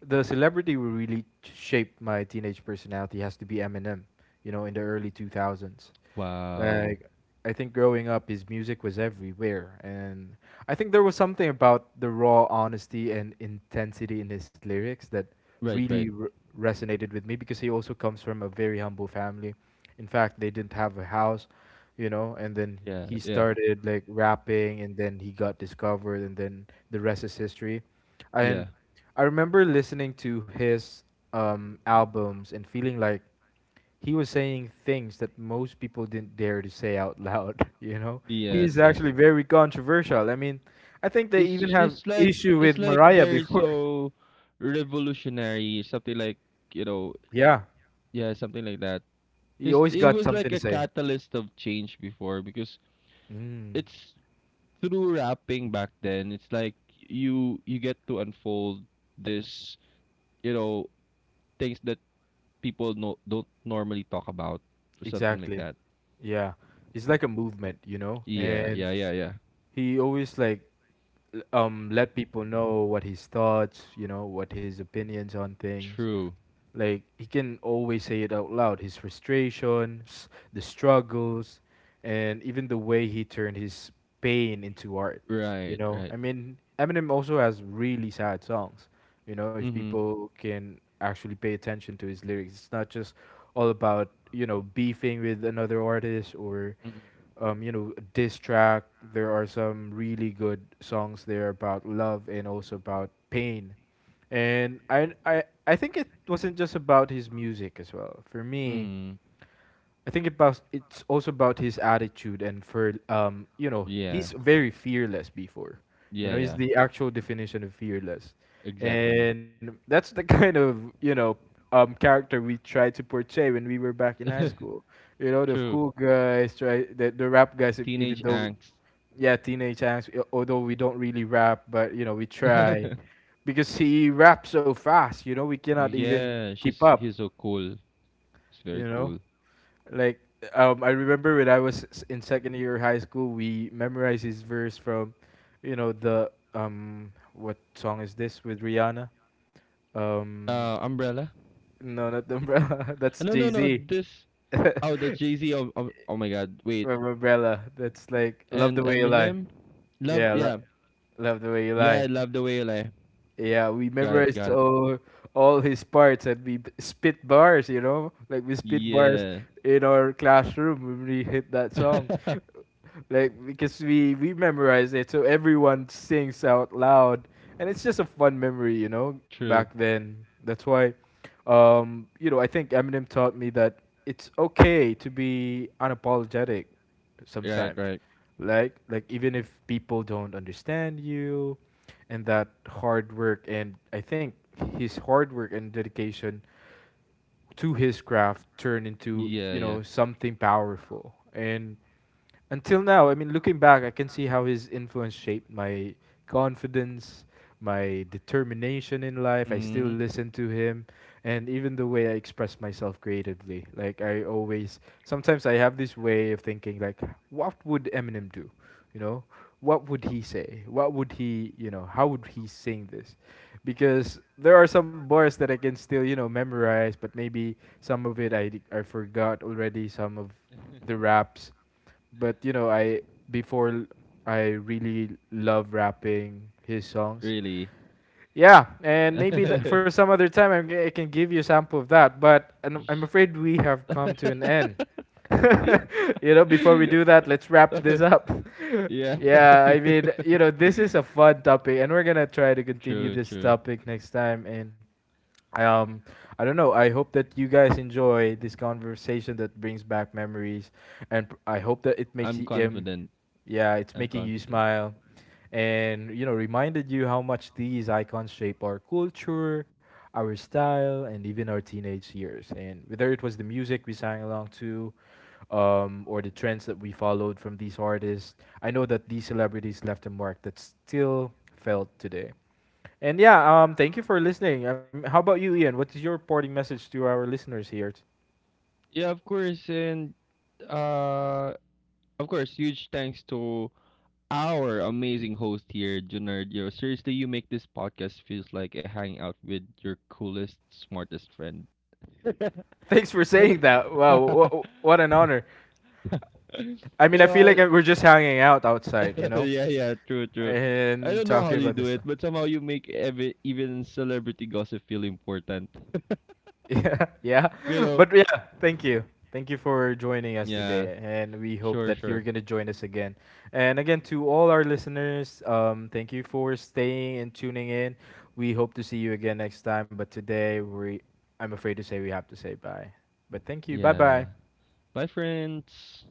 the celebrity who really t- shaped my teenage personality has to be Eminem, you know, in the early two thousands. Wow. Like I think growing up, his music was everywhere, and I think there was something about the raw honesty and intensity in his lyrics that Right, really right. r resonated with me because he also comes from a very humble family. In fact, they didn't have a house, you know, and then Yeah, he yeah, started like rapping, and then he got discovered, and then the rest is history. And yeah. I remember listening to his um, albums and feeling like he was saying things that most people didn't dare to say out loud. You know, he is Yes, yes. actually very controversial. I mean, I think they It's even have just like issue it's with like Mariah very before. so revolutionary, something like, you know, Yeah, yeah, something like that. he It's always it got was like something to a say. catalyst of change before because mm, it's through rapping back then. It's like you you get to unfold this, you know, things that people no don't normally talk about or something like exactly. that. Yeah, it's like a movement, you know, Yeah, and yeah, yeah, yeah. he always like l- um let people know what his thoughts, you know, what his opinions on things. True. Like he can always say it out loud, his frustrations, the struggles, and even the way he turned his pain into art. You Right, know, right. I mean, Eminem also has really sad songs. You know, if Mhm. people can actually pay attention to his lyrics, it's not just all about you know beefing with another artist or Mhm. um, you know, a diss track. There are some really good songs there about love and also about pain, and I, I, I think it wasn't just about his music as well. For me, Mhm. I think about it's also about his attitude and for um, you know, Yeah. he's very fearless before. You Yeah, know, he's yeah. the actual definition of fearless. Exactly. And that's the kind of, you know, um character we tried to portray when we were back in high school. You know, the True. cool guys try the, the rap guys e- even Teenage though angst. yeah, teenage angst. Uh, although we don't really rap, but you know we try because he raps so fast. You know we cannot even Yeah, keep she's up. he's so cool. It's very You know, cool. like um, I remember when I was s- in second year high school, we memorized his verse from, you know the um what song is this with Rihanna? Um, Uh, Umbrella. no, not the umbrella. That's No, Jay no, no. Z. This oh, that's Jay Z. Oh, oh, oh my God. Wait, From Umbrella. That's like love and the way you lie. Eminem. Loved. Yeah, Yeah, lo- love the way you yeah. I lie. love the way you lie. Yeah, we Got it. memorize Got it. all all his parts, and we b- spit bars, you know? Like we spit bars Yeah. in our classroom when we hit that song like because we we memorize it, so everyone sings out loud, and it's just a fun memory, you know. True. Back then, that's why, um, you know, I think Eminem taught me that it's okay to be unapologetic Right. sometimes, Right. like like even if people don't understand you, and that hard work, and I think his hard work and dedication to his craft turn into Yeah. you Yeah. know something powerful. And until now, I mean, looking back, I can see how his influence shaped my confidence, my determination in life. I still Mm, listen to him, and even the way I express myself creatively. Like, I always, sometimes I have this way of thinking, like, what would Eminem do? You know, what would he say? What would he, you know, how would he sing this? Because there are some bars that I can still, you know, memorize, but maybe some of it I, d- I forgot already, some of the raps, but you know, I before I really love rapping his songs. really. Yeah, and maybe that for some other time I'm, g- I can give you a sample of that. But I'm, I'm afraid we have come to an end. You know, before we do that, let's wrap this up. yeah. Yeah, I mean, you know, this is a fun topic, and we're gonna try to continue True. this True. topic next time. And um, I don't know. I hope that you guys enjoy this conversation that brings back memories, and p- I hope that it makes I'm you um, confident. yeah, it's I'm making you confident. smile and you know reminded you how much these icons shape our culture, our style, and even our teenage years. And whether it was the music we sang along to, um, or the trends that we followed from these artists, I know that these celebrities left a mark that still felt today. And yeah, um, thank you for listening. Um, how about you, Ian? What is your parting message to our listeners here? Yeah, of course. And uh, Of course, huge thanks to our amazing host here, Junardio. Seriously, you make this podcast feels like a hangout with your coolest, smartest friend. I Thanks for saying don't- that. Wow, wh- wh- what an honor. I mean, you I feel know, like uh, we're just hanging out I- outside, you know? yeah, yeah, true, true. I And don't know how talking you about do this it, stuff. but somehow you make ev- even celebrity gossip feel important. Yeah, yeah. You know? But yeah, thank you. Thank you for joining us Yeah, today, and we hope sure, that you're sure. gonna join us again. And again, to all our listeners, um, thank you for staying and tuning in. We hope to see you again next time. But today, we, I'm afraid to say we have to say bye. But thank you. Bye Yeah. bye. Bye, friends.